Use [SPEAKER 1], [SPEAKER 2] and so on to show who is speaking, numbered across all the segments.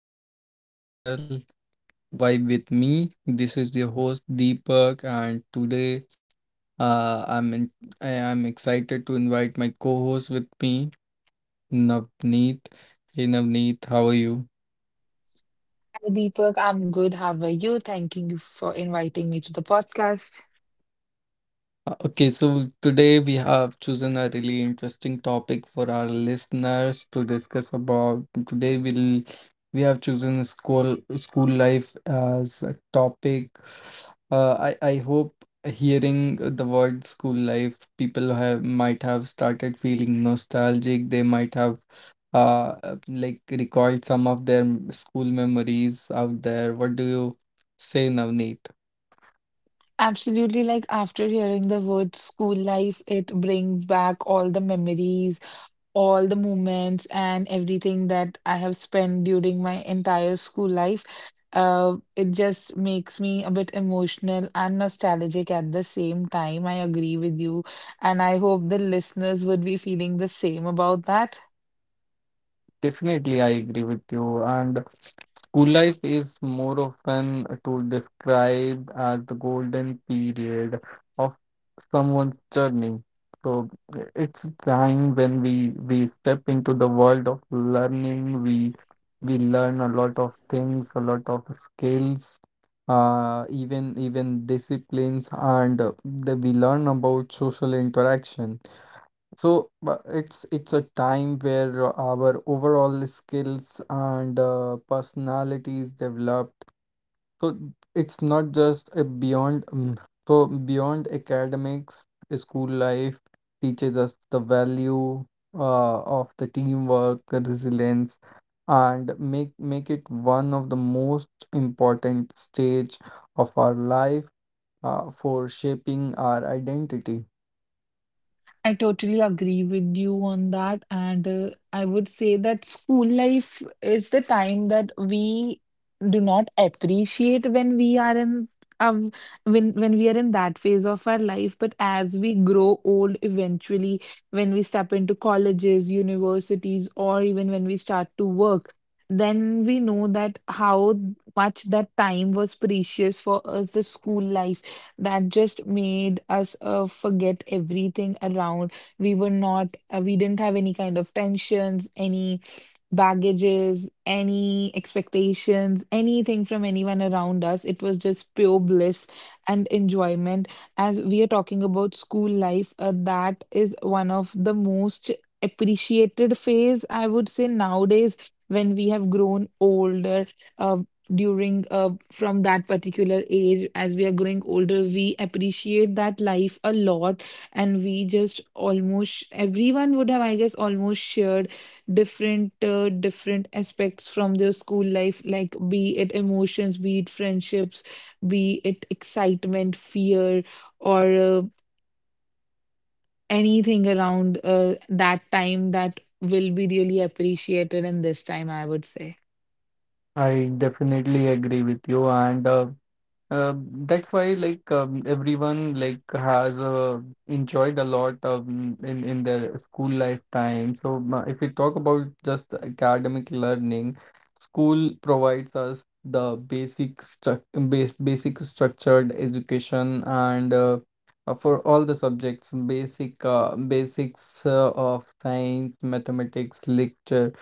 [SPEAKER 1] welcome to our channel Vibe with me. This is your host Deepak, and today uh, I'm in, I am excited to invite my co-host with me, Navneet. Hey Navneet, how are you?
[SPEAKER 2] Deepak, I'm good. How are you? Thanking you for inviting me to the podcast.
[SPEAKER 1] Okay, so today we have chosen a really interesting topic for our listeners to discuss about. Today we have chosen school life as a topic. I hope hearing the word school life, people have might have started feeling nostalgic. They might have like recalled some of their school memories out there. What do you say, Navneet?
[SPEAKER 2] Absolutely, like after hearing the word school life, it brings back all the memories, all the moments, and everything that I have spent during my entire school life. It just makes me a bit emotional and nostalgic at the same time. I agree with you, and I hope the listeners would be feeling the same about that.
[SPEAKER 1] Definitely, I agree with you and. School life is more often to describe as the golden period of someone's journey. So it's time when we step into the world of learning. We learn a lot of things, a lot of skills, even disciplines, and we learn about social interaction. So it's a time where our overall skills and personality is developed. So it's not just a beyond so beyond academics, school life teaches us the value of the teamwork, resilience, and make it one of the most important stage of our life for shaping our identity.
[SPEAKER 2] I totally agree with you on that. And I would say that school life is the time that we do not appreciate when we are in um when we are in that phase of our life. But as we grow old, eventually, when we step into colleges, universities, or even when we start to work, then we know that how much that time was precious for us, the school life that just made us forget everything around. We were not, we didn't have any kind of tensions, any baggages, any expectations, anything from anyone around us. It was just pure bliss and enjoyment. As we are talking about school life, that is one of the most appreciated phase, I would say, nowadays when we have grown older. Uh, during From that particular age, as we are growing older, we appreciate that life a lot, and we just, almost everyone would have, I guess, almost shared different aspects from their school life, like be it emotions, be it friendships, be it excitement, fear, or anything around that time that will be really appreciated in this time, I would say.
[SPEAKER 1] I definitely agree with you, and that's why, like, everyone, like, has enjoyed a lot, in their school lifetime. So if we talk about just academic learning, school provides us the basic structured education and for all the subjects, basics of science, mathematics, literature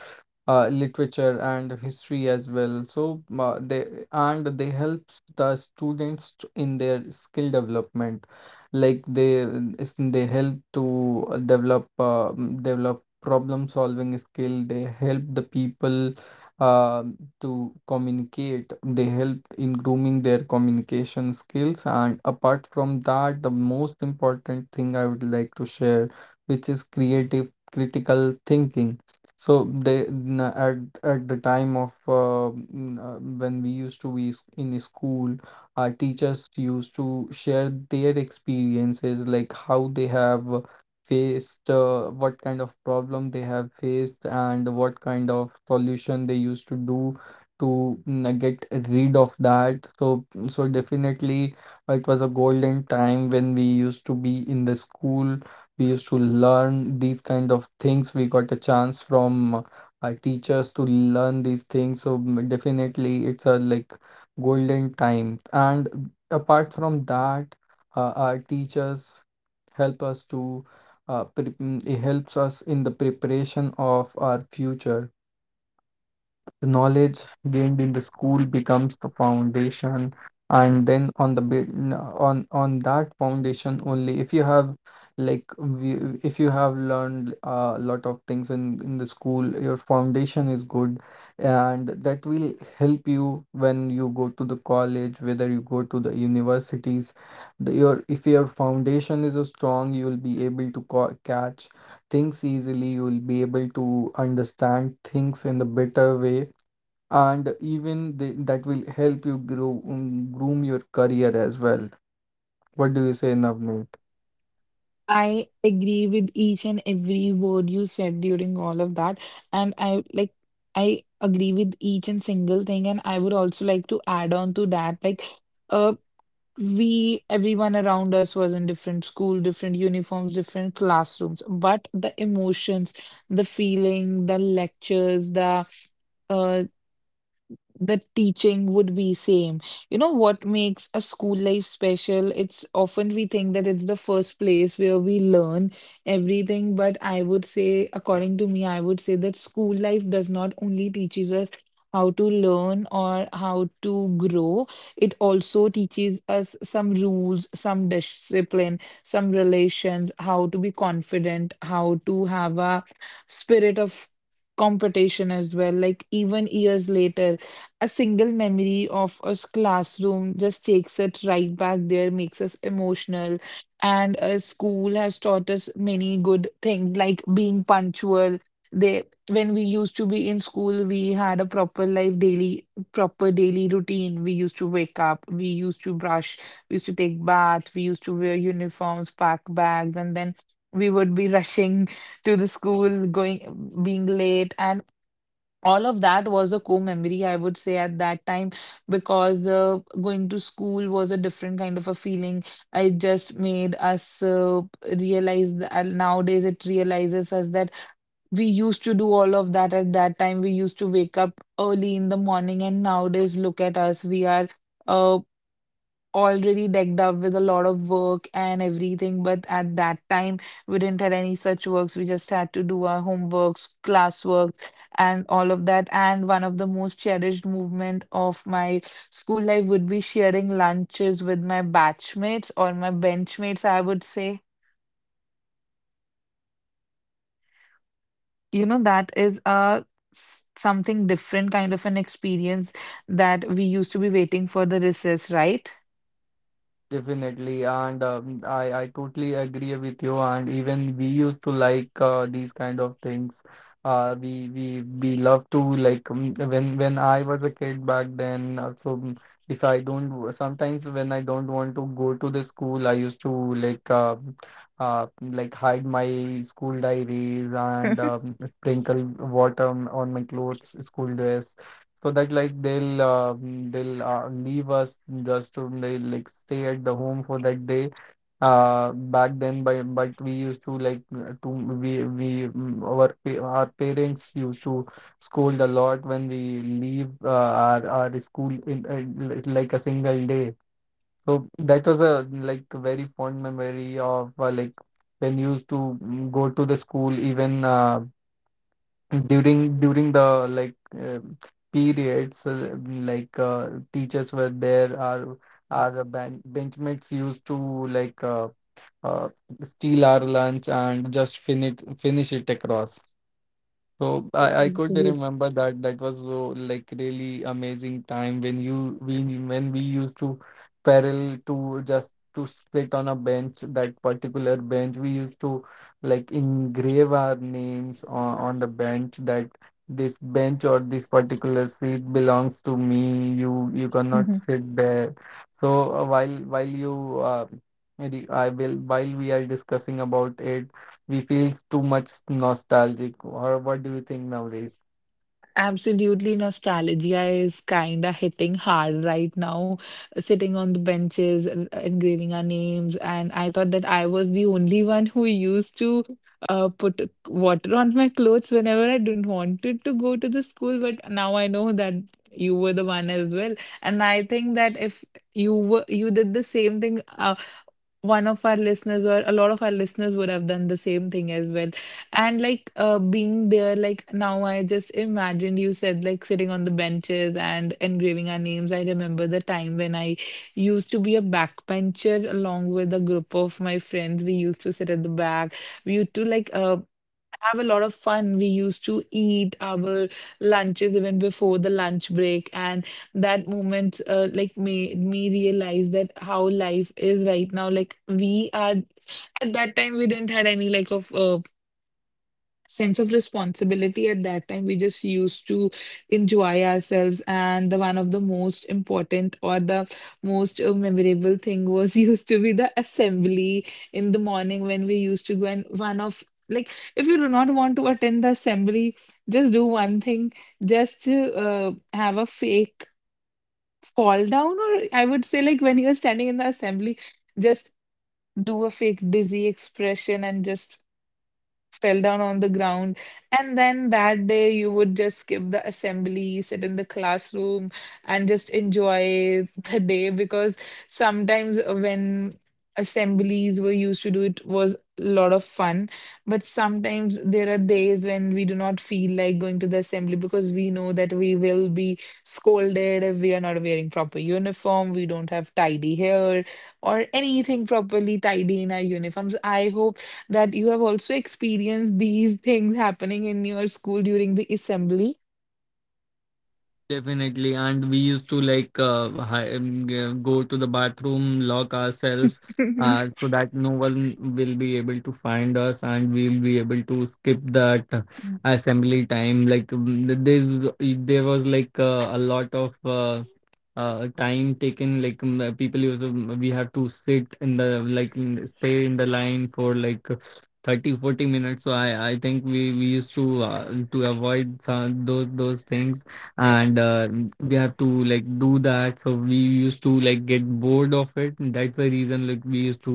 [SPEAKER 1] uh, literature and history as well. So they helps the students in their skill development, like they help to develop develop problem solving skill. They help the people uh, to communicate. They help in grooming their communication skills. And apart from that, the most important thing I would like to share, which is creative critical thinking. So they n- at the time of when we used to be in school, our teachers used to share their experiences, like how they have faced, what kind of problem they have faced, and what kind of solution they used to do to get rid of that. So definitely, it was a golden time when we used to be in the school. We used to learn these kind of things. We got a chance from our teachers to learn these things. So definitely, it's a, like, golden time. And apart from that, our teachers help us to it helps us in the preparation of our future. The knowledge gained in the school becomes the foundation, and then on on that foundation only, if you have, if you have learned a lot of things in the school, your foundation is good, and that will help you when you go to the college, whether you go to the universities. The, your if your foundation is strong, you will be able to catch things easily. You will be able to understand things in the better way, and that will help you grow groom your career as well. What do you say, Navneet?
[SPEAKER 2] I agree with each and every word you said during all of that. And I like, I agree with each and single thing. And I would also like to add on to that, like uh we everyone around us was in different school, different uniforms, different classrooms. But the emotions, the feeling, the lectures, the uh the teaching would be same. You know what makes a school life special? It's often we think that it's the first place where we learn everything, but I would say, according to me, I would say that school life does not only teaches us how to learn or how to grow, it also teaches us some rules, some discipline, some relations, how to be confident, how to have a spirit of competition as well. Like even years later, a single memory of a classroom just takes it right back there, makes us emotional. And a school has taught us many good things, like being punctual. They, when we used to be in school, we had a proper life daily, proper daily routine. We used to wake up, we used to brush, we used to take bath, we used to wear uniforms, pack bags, and then we would be rushing to the school, going, being late. And all of that was a core memory, I would say, at that time, because going to school was a different kind of a feeling. It just made us realize that nowadays it realizes us that we used to do all of that at that time. We used to wake up early in the morning, and nowadays, look at us. We are. uh, already decked up with a lot of work and everything, but at that time we didn't have any such works. We just had to do our homeworks, classwork, and all of that. And one of the most cherished movement of my school life would be sharing lunches with my batchmates or my benchmates, I would say. You know, that is a something different kind of an experience that we used to be waiting for the recess, right?
[SPEAKER 1] Definitely, and I totally agree with you. And even we used to, like, these kind of things. We love to, like, when I was a kid back then. So mm, if I don't w- sometimes when I don't want to go to the school, I used to, like, uh like, hide my school diaries and sprinkle water on my clothes, school dress, so that, like, they'll leave us just to, like, stay at the home for that day back then. By But we used to like to we mm, our pa- our parents used to scold a lot when we leave our school in like a single day. So that was a, like, very fond memory of like, when used to go to the school. Even during the, like, periods, teachers were there. Our benchmates used to, like, uh, steal our lunch and just finish it across. So I could
[SPEAKER 2] Absolutely.
[SPEAKER 1] remember that that was so, like, really amazing time when you we when we used to paddle to just to sit on a bench. That particular bench we used to, like, engrave our names on the bench. That this bench or this particular seat belongs to me. You cannot sit there. So while you, maybe I will, while we are discussing about it, we feel too much nostalgic. Or what do you think nowadays?
[SPEAKER 2] Absolutely, nostalgia is kind of hitting hard right now, sitting on the benches, engraving our names. And I thought that I was the only one who used to put water on my clothes whenever I didn't wanted to go to the school. But now I know that you were the one as well. And I think that if you were, you did the same thing one of our listeners or a lot of our listeners would have done the same thing as well. And like being there, like, now I just imagined you said like sitting on the benches and engraving our names. I remember the time when I used to be a backbencher along with a group of my friends. We used to sit at the back, we used to like have a lot of fun. We used to eat our lunches even before the lunch break, and that moment like made me realize that how life is right now. Like we are, at that time, we didn't had any like of sense of responsibility. At that time we just used to enjoy ourselves. And the one of the most important or the most memorable thing was used to be the assembly in the morning when we used to go. And one of, like, if you do not want to attend the assembly, just do one thing: just have a fake fall down, or I would say, like when you're standing in the assembly, just do a fake dizzy expression and just fell down on the ground. And then that day, you would just skip the assembly, sit in the classroom, and just enjoy the day, because sometimes when assemblies were used to do, it was a lot of fun, but sometimes there are days when we do not feel like going to the assembly, because we know that we will be scolded if we are not wearing proper uniform, we don't have tidy hair or anything properly tidy in our uniforms. I hope that you have also experienced these things happening in your school during the assembly.
[SPEAKER 1] Definitely, and we used to, like, go to the bathroom, lock ourselves, so that no one will be able to find us, and we'll be able to skip that assembly time. Like, there was, like, a lot of time taken. Like, we have to sit in the, like, stay in the line for, 30 40 minutes. So I think we used to avoid some those things, and we have to, like, do that. So we used to, like, get bored of it, and that's the reason, like, we used to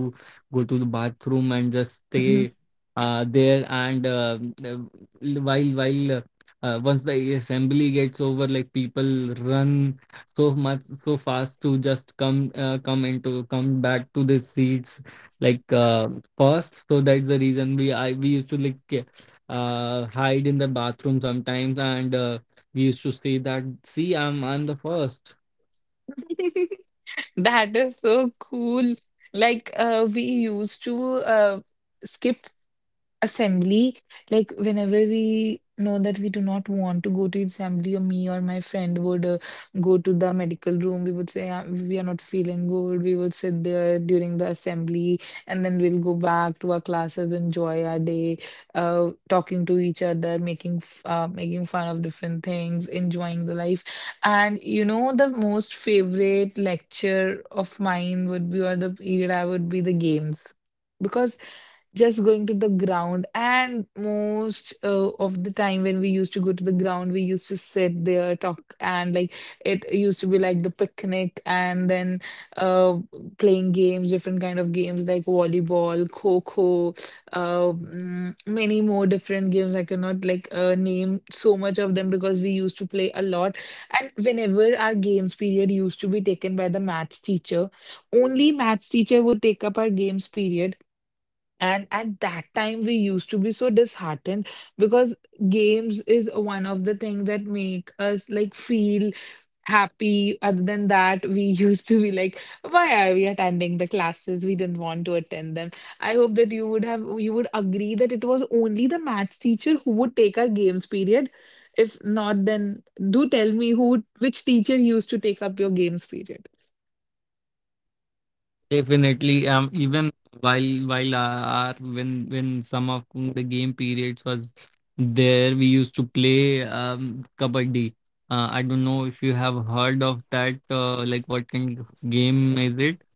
[SPEAKER 1] go to the bathroom and just stay there. And uh, while once the assembly gets over, like, people run so much so fast to just come back to the seats, like, first. So that's the reason we used to, like, hide in the bathroom sometimes. And we used to say that, see, I'm the first.
[SPEAKER 2] That is so cool. Like, we used to skip assembly, like whenever we know that we do not want to go to assembly, or me or my friend would go to the medical room, we would say, we are not feeling good. We would sit there during the assembly, and then we'll go back to our classes, enjoy our day, talking to each other, making making fun of different things, enjoying the life. And you know, the most favorite lecture of mine would be, or the period I would be the games. Because just going to the ground, and most of the time when we used to go to the ground, we used to sit there, talk, and like it used to be like the picnic. And then uh playing games, different kind of games like volleyball, kho-kho, many more different games I cannot like name so much of them because we used to play a lot. And whenever our games period used to be taken by the maths teacher, only maths teacher would take up our games period. And at that time, we used to be so disheartened, because games is one of the things that make us like feel happy. Other than that, we used to be like, why are we attending the classes? We didn't want to attend them. I hope that you would have, you would agree that it was only the maths teacher who would take our games period. If not, then do tell me who, which teacher used to take up your games period.
[SPEAKER 1] Definitely. Even while our when some of the game periods was there, we used to play kabaddi. I don't know if you have heard of that. Like, what kind of game is it?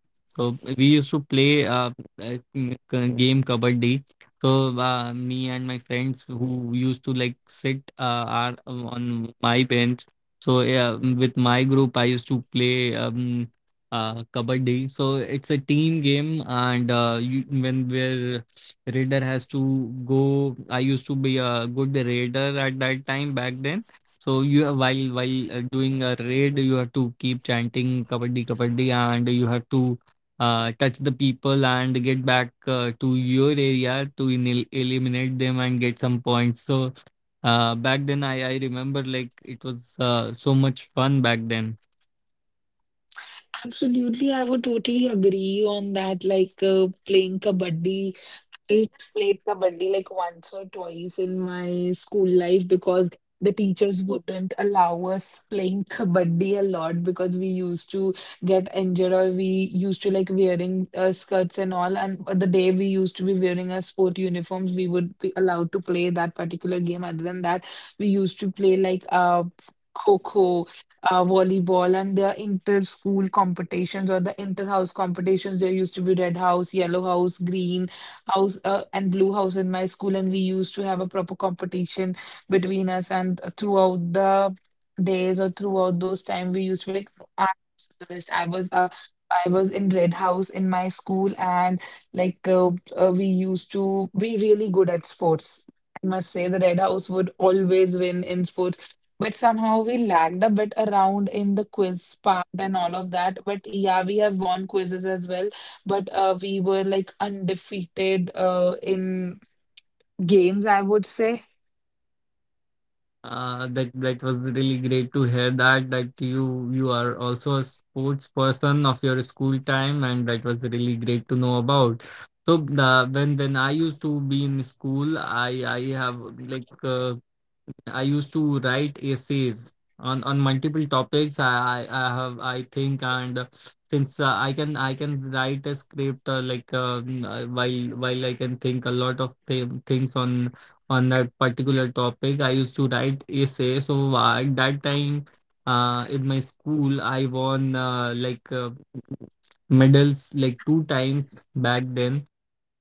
[SPEAKER 1] So we used to play like, game kabaddi. So me and my friends who used to, like, sit are on my bench. So yeah, with my group, I used to play. Kabaddi. So it's a team game, and when where raider has to go, I used to be a good raider at that time back then. So you have- while doing a raid, you have to keep chanting Kabaddi, Kabaddi, and you have to touch the people and get back to your area to in eliminate them and get some points. So back then, I remember, like, it was so much fun back then.
[SPEAKER 2] Absolutely, I would totally agree on that. Like playing kabaddi, I played kabaddi like once or twice in my school life, because the teachers wouldn't allow us playing kabaddi a lot because we used to get injured or we used to like wearing skirts and all. And the day we used to be wearing our sport uniforms, we would be allowed to play that particular game. Other than that, we used to play like Kho-kho, volleyball, and their inter-school competitions or the inter-house competitions. There used to be red house, yellow house, green house and blue house in my school, and we used to have a proper competition between us. And throughout the days or throughout those time, we used to be like, "No, I was the best. I was I was in red house in my school, and like uh, we used to be really good at sports. I must say the red house would always win in sports. But somehow we lagged a bit around in the quiz part and all of that. But yeah, we have won quizzes as well, but we were like undefeated in games, I would say.
[SPEAKER 1] That was really great to hear that you are also a sports person of your school time, and that was really great to know about. So when I used to be in school, I have like I used to write essays on multiple topics. I have I think and Since I can write a script, while I can think a lot of th things on that particular topic. I used to write essay. So at that time, in my school, I won medals like 2 times back then,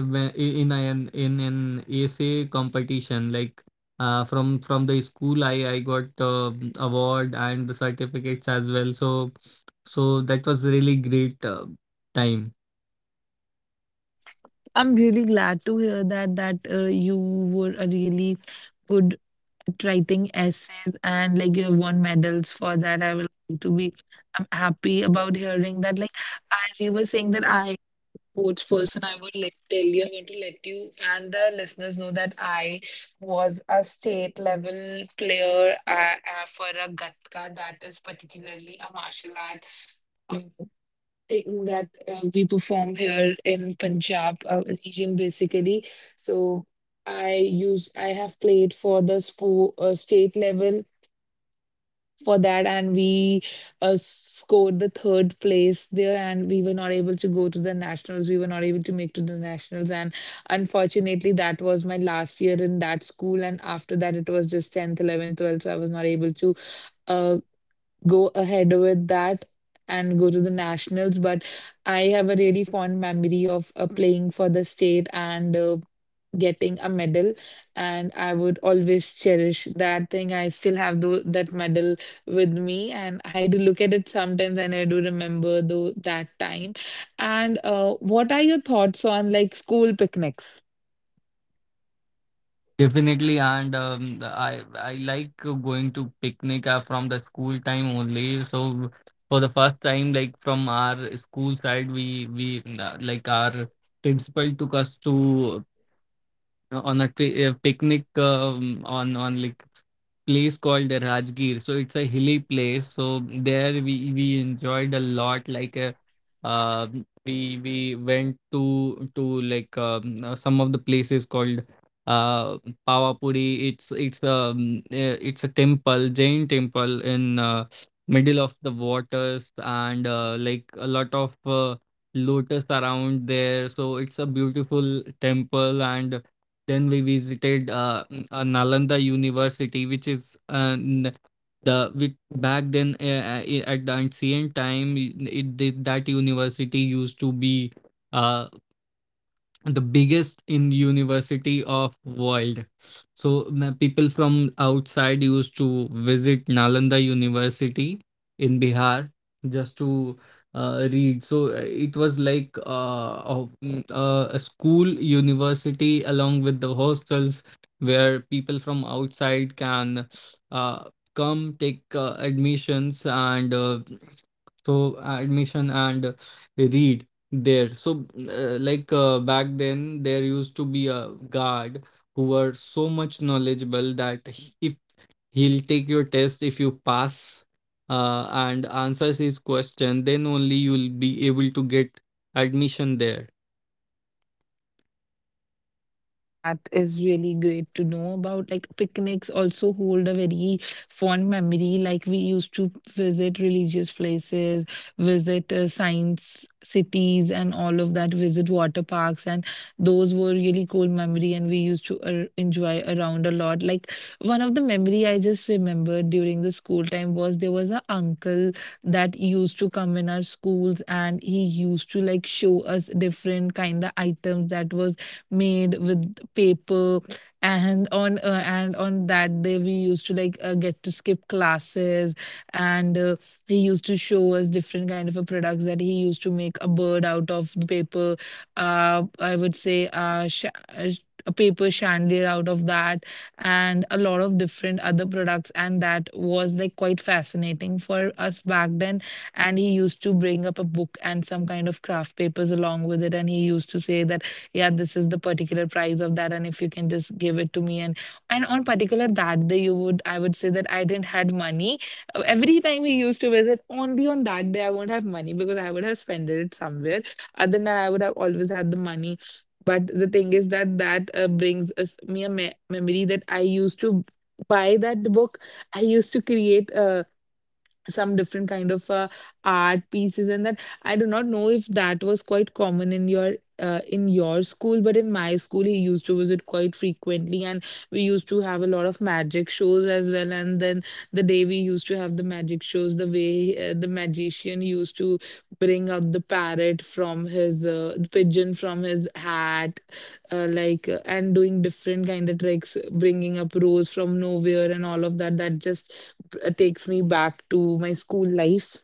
[SPEAKER 1] in an essay competition, like, from the school. I got award and the certificates as well. So that was really great time.
[SPEAKER 2] I'm really glad to hear that that you were a really good at writing essays and like you have won medals for that. I would like to be, I'm happy about hearing that. Like as you were saying that I sports person, I would like tell you, I want to let you and the listeners know that I was a state level player for a Gatka that is particularly a martial art uh, thing that we perform here in Punjab region basically. So I have played for the state level for that, and we scored the third place there, and we were not able to go to the nationals. We were not able to make to the nationals, and unfortunately, that was my last year in that school. And after that, it was just tenth, eleventh, twelfth. So I was not able to uh, go ahead with that and go to the nationals. But I have a really fond memory of playing for the state and getting a medal. And I would always cherish that thing. I still have that medal with me, and I do look at it sometimes, and I do remember though that time. And what are your thoughts on like school picnics?
[SPEAKER 1] Definitely, and the- I like going to picnic from the school time only. So for the first time, like, from our school side, we like, our principal took us to, picnic, on like, place called the Rajgir. So it's a hilly place. So there we enjoyed a lot. Like, uh, we went to, like, some of the places called uh Pawapuri. It's a temple, Jain temple in middle of the waters, and like, a lot of lotus around there. So it's a beautiful temple. And then we visited Nalanda University, which is n- the which back then, at the ancient time, that university used to be uh, the biggest in university of world. So people from outside used to visit Nalanda University in Bihar just to read. So it was like a school university along with the hostels where people from outside can uh, come take admissions and admission and read there. So back then there used to be a guard who were so much knowledgeable that if he'll take your test. If you pass and answers his question, then only you'll be able to get admission there.
[SPEAKER 2] That is really great to know about. Like picnics also hold a very fond memory. Like we used to visit religious places, visit science cities, and all of that. Visit water parks, and those were really cool memory. And we used to enjoy around a lot. Like one of the memory I just remembered during the school time was there was a uncle that used to come in our schools, and he used to like show us different kind of items that was made with paper and on that day we used to like get to skip classes and he used to show us different kind of a products that he used to make a bird out of the paper, I would say uh, sh- a paper chandelier out of that and a lot of different other products, and that was like quite fascinating for us back then. And he used to bring up a book and some kind of craft papers along with it, and he used to say that yeah this is the particular price of that, and if you can just give it to me. And on particular that day you would I would say that I didn't had money. Every time we used to visit, only on that day I won't have money because I would have spent it somewhere. Other than that, I would have always had the money. But the thing is that brings me a memory that I used to buy that book. I used to create some different kind of art pieces, and that I do not know if that was quite common in your in your school, but in my school he used to visit quite frequently. And we used to have a lot of magic shows as well, and then the day we used to have the magic shows, the way the magician used to bring out the parrot from his pigeon from his hat and doing different kind of tricks, bringing up rose from nowhere and all of that, that just takes me back to my school life.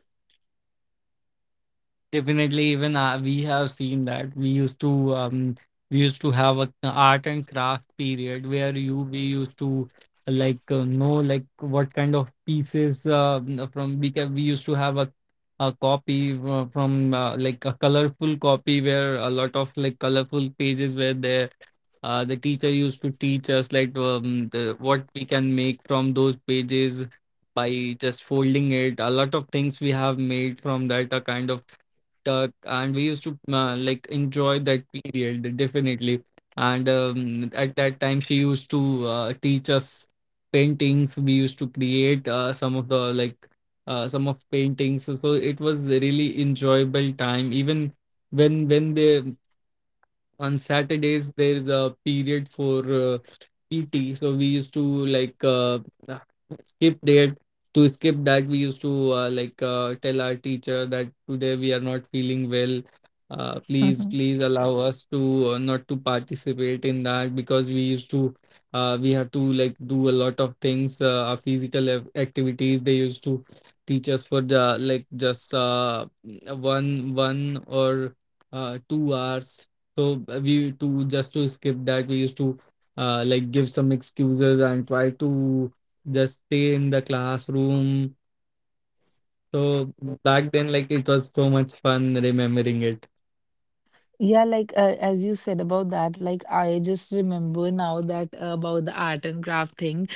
[SPEAKER 1] Definitely, even we have seen that we used to have a art and craft period where you we used to like know like what kind of pieces we used to have a copy from like a colorful copy where a lot of like colorful pages were there. The teacher used to teach us like what we can make from those pages by just folding it. A lot of things we have made from that, a kind of TikTok, and we used to like enjoy that period definitely. And at that time, she used to teach us paintings. We used to create some of paintings. So it was a really enjoyable time. Even when they on Saturdays there is a period for PT, so we used to like skip that. To skip that, we used to tell our teacher that today we are not feeling well. Uh,
[SPEAKER 2] Hmm.
[SPEAKER 1] please, please allow us to not to participate in that, because we have to like do a lot of things. Our physical activities they used to teach us for the like just one or 2 hours. So uh, we to just to skip that, we used to like give some excuses and try to just stay in the classroom. So back then, like it was so much fun remembering it.
[SPEAKER 2] Yeah, like as you said about that, like I just remember now that about the art and craft thing.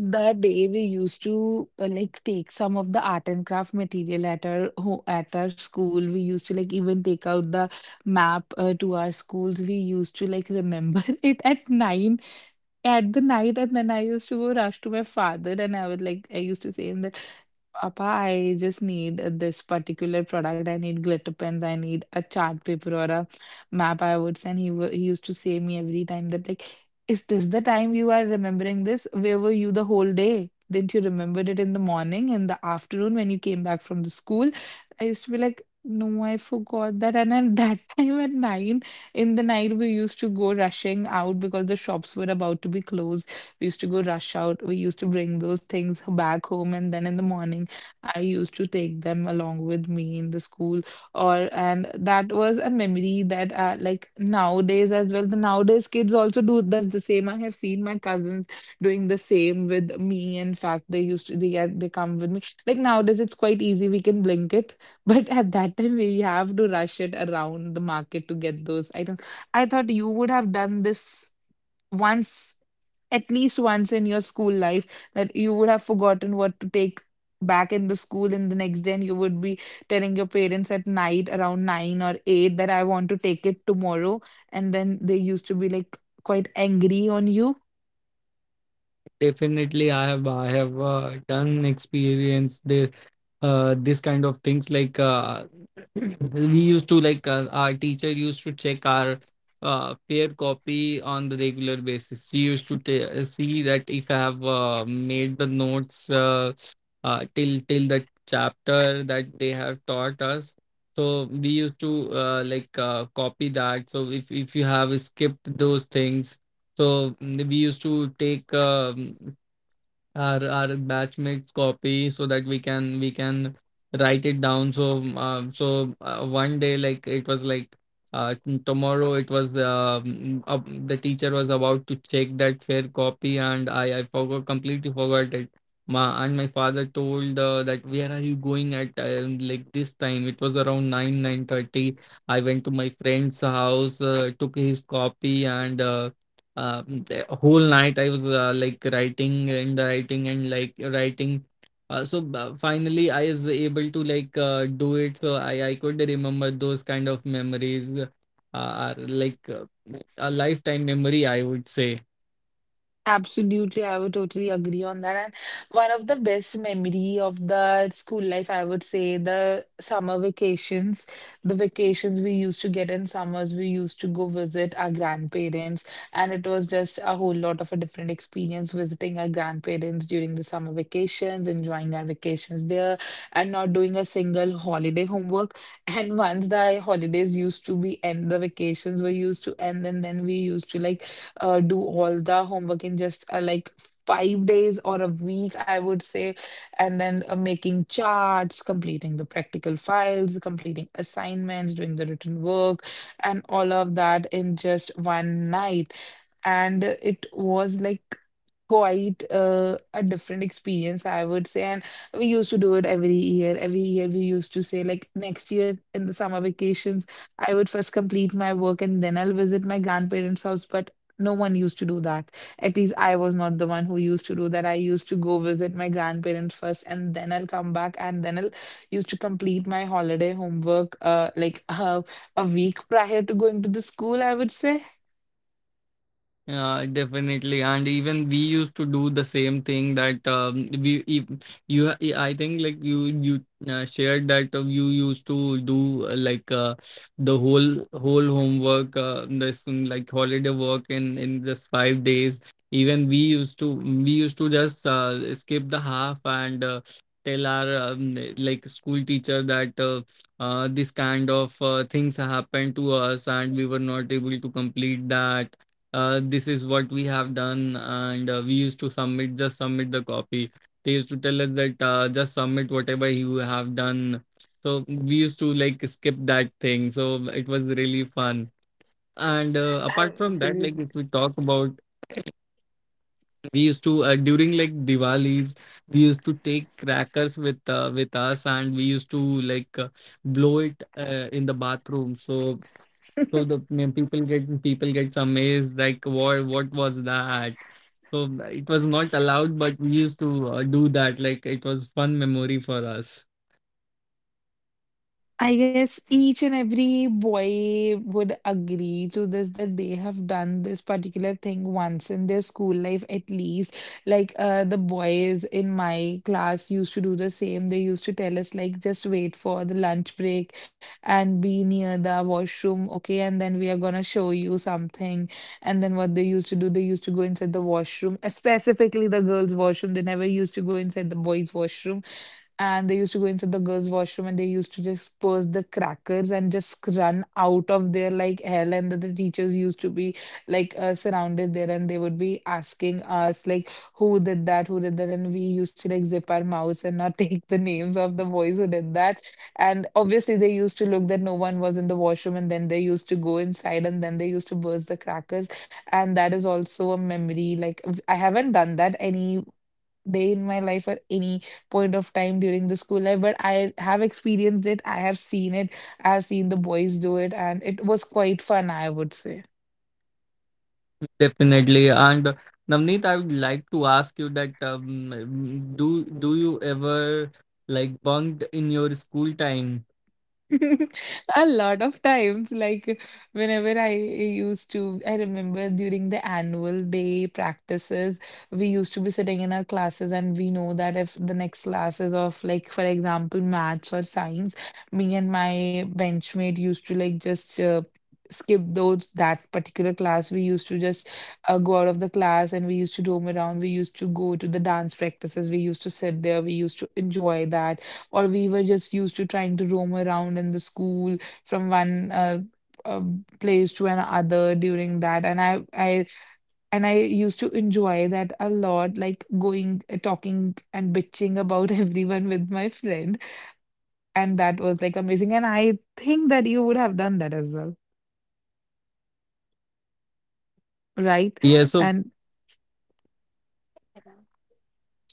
[SPEAKER 2] That day we used to like take some of the art and craft material at our ho at our school. We used to like even take out the map to our schools. We used to like remember it at 9 at the night, and then I used to go rush to my father, and I would like I used to say him that Papa, I just need this particular product. I need glitter pens. I need a chart paper or a map. I would send. He used to say me every time that like, is this the time you are remembering this? Where were you the whole day? Didn't you remember it in the morning, in the afternoon when you came back from the school? I used to be like, no, I forgot that. And at that time at nine. In the night, we used to go rushing out because the shops were about to be closed. We used to go rush out. We used to bring those things back home, and then in the morning, I used to take them along with me in the school. Or and that was a memory that like nowadays as well. The nowadays kids also do that's the same. I have seen my cousins doing the same with me. In fact, they used to they get they come with me. Like nowadays, it's quite easy. We can blink it, but at that time, we have to rush it around the market to get those items. I thought you would have done this once, at least once in your school life, that you would have forgotten what to take back in the school in the next day, and you would be telling your parents at night around nine or eight that I want to take it tomorrow. And then they used to be like quite angry on you.
[SPEAKER 1] Definitely, I have done experience the this kind of things like we used to like our teacher used to check our fair copy on the regular basis. She used to ta see that if I have made the notes till the chapter that they have taught us. So we used to copy that. So if you have skipped those things, we used to take our batchmates' copy so that we can write it down. So one day, like it was like tomorrow it was the teacher was about to check that fair copy, and I forgot completely forgot it. My father told that, where are you going at like this time? It was around nine thirty. I went to my friend's house, took his copy and. The whole night I was like writing and writing and like writing. Finally, I was able to like do it. So I could remember those kind of memories are like a lifetime memory, I would say.
[SPEAKER 2] Absolutely, I would totally agree on that. And one of the best memory of the school life, I would say, the summer vacations, the vacations we used to get in summers, we used to go visit our grandparents, and it was just a whole lot of a different experience visiting our grandparents during the summer vacations, enjoying our vacations there, and not doing a single holiday homework. And once the holidays used to be end, the vacations were used to end, and then we used to like do all the homework in just like five days or a week, I would say, and then making charts, completing the practical files, completing assignments, doing the written work, and all of that in just one night. And it was like quite a different experience, I would say. And we used to do it every year. Every year, we used to say, like, next year in the summer vacations, I would first complete my work and then I'll visit my grandparents' house. But no one used to do that. At least I was not the one who used to do that. I used to go visit my grandparents first, and then I'll come back, and then I'll used to complete my holiday homework like a week prior to going to the school, I would say.
[SPEAKER 1] Yeah, definitely. And even we used to do the same thing that we, if you, ha- I think like you shared that you used to do the whole homework, this like holiday work in this 5 days. Even we used to just skip the half and tell our like school teacher that this kind of things happened to us, and we were not able to complete that. This is what we have done. And we used to submit just submit the copy. They used to tell us that just submit whatever you have done. So we used to like skip that thing, so it was really fun. And apart from that,
[SPEAKER 2] Absolutely.
[SPEAKER 1] like if we talk about, we used to during like Diwali, we used to take crackers with us, and we used to like blow it in the bathroom. So the people get people gets amazed like what was that? So it was not allowed, but we used to do that. Like it was fun memory for us,
[SPEAKER 2] I guess each and every boy would agree to this that they have done this particular thing once in their school life at least. Like the boys in my class used to do the same. They used to tell us like just wait for the lunch break and be near the washroom, okay? And then we are gonna show you something. And then what they used to do, they used to go inside the washroom, specifically the girls' washroom. They never used to go inside the boys' washroom, and they used to go inside the girls' washroom, and they used to just purse the crackers and just run out of there like hell. And the teachers used to be like surrounded there, and they would be asking us like who did that, who did that. And we used to like zip our mouths and not take the names of the boys who did that. And obviously they used to look that no one was in the washroom, and then they used to go inside, and then they used to burst the crackers. And that is also a memory. Like I haven't done that any day in my life or any point of time during the school life, but I have experienced it. I have seen it. I have seen the boys do it, and it was quite fun, I would say.
[SPEAKER 1] definitely. And Navneet, I would like to ask you that do you ever like bunked in your school time?
[SPEAKER 2] A lot of times, like whenever I used to, I remember during the annual day practices, we used to be sitting in our classes, and we know that if the next class is of, like, for example, maths or science, me and my benchmate used to like just skip those that particular class. We used to just go out of the class, and we used to roam around. We used to go to the dance practices. We used to sit there. We used to enjoy that, or we were just used to trying to roam around in the school from one uh, place to another during that, and I used to enjoy that a lot, like going talking and bitching about everyone with my friend. And that was like amazing, and I think that you would have done that as well, right?
[SPEAKER 1] Yeah. So.
[SPEAKER 2] And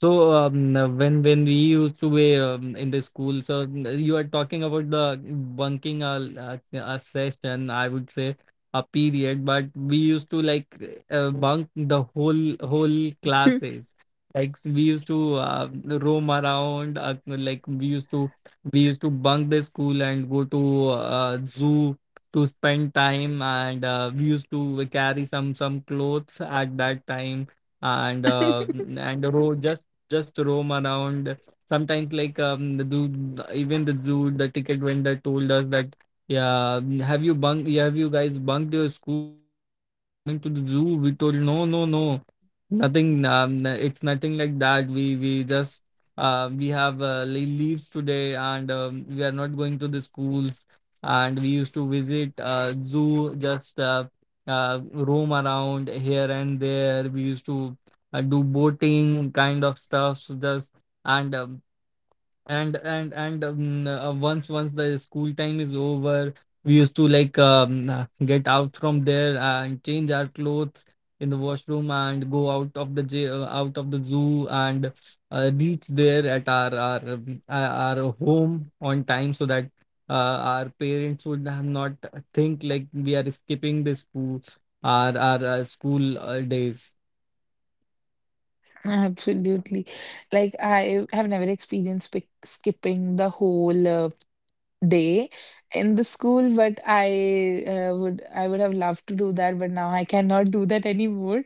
[SPEAKER 1] So when we used to be in the school, so you are talking about the bunking a session, I would say a period, but we used to like bunk the whole classes. Like we used to roam around, we used to bunk the school and go to zoo to spend time. And we used to carry some clothes at that time and uh, and the just just roam around. Sometimes, like the dude, even the dude, the ticket vendor told us that, yeah, have you guys bunked your school and you're coming to the zoo? We told, no, no, no, nothing. It's nothing like that. We just we have leaves today, and we are not going to the schools. And we used to visit zoo just roam around here and there. We used to do boating kind of stuff so just and um, and once the school time is over, we used to like get out from there and change our clothes in the washroom and go out of out of the zoo, and reach there at our home on time so that our parents would have not think like we are skipping the school our school days.
[SPEAKER 2] absolutely, like I have never experienced skipping the whole day in the school, but I would I would have loved to do that, but now I cannot do that anymore.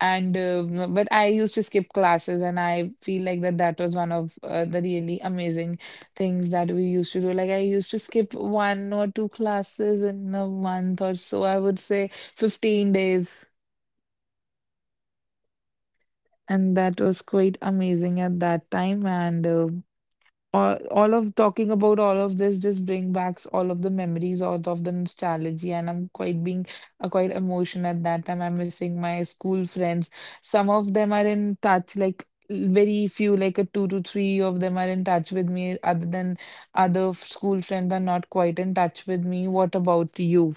[SPEAKER 2] And but I used to skip classes, and I feel like that was one of the really amazing things that we used to do. Like I used to skip one or two classes in a month or so. I would say 15 days. And that was quite amazing at that time. And all of talking about all of this just bring back all of the memories, all of the nostalgia, and I'm quite being quite emotional at that time. I'm missing my school friends. Some of them are in touch, like very few, like a two to three of them are in touch with me. Other than school friends are not quite in touch with me. What about you?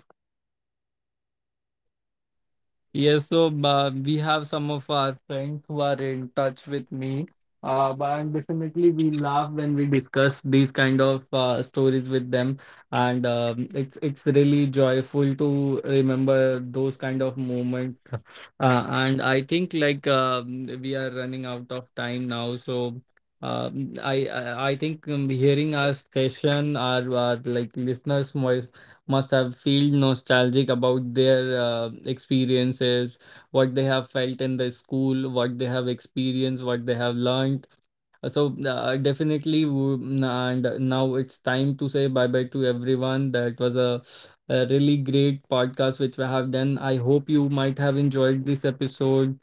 [SPEAKER 1] Yes, so we have some of our friends who are in touch with me. But definitely we laugh when we discuss these kind of stories with them, and it's really joyful to remember those kind of moments. And I think like we are running out of time now, so I think hearing our session, our like listeners' must have felt nostalgic about their experiences, what they have felt in the school, what they have experienced, what they have learned. So definitely, and now it's time to say bye bye to everyone. That was a really great podcast which we have done. I hope you might have enjoyed this episode,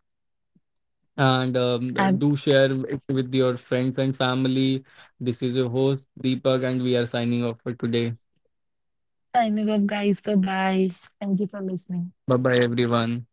[SPEAKER 1] and
[SPEAKER 2] I'm
[SPEAKER 1] do share it with your friends and family. This is your host Deepak, and we are signing off for today.
[SPEAKER 2] signing off guys, bye bye. Thank you for listening.
[SPEAKER 1] Bye bye, everyone.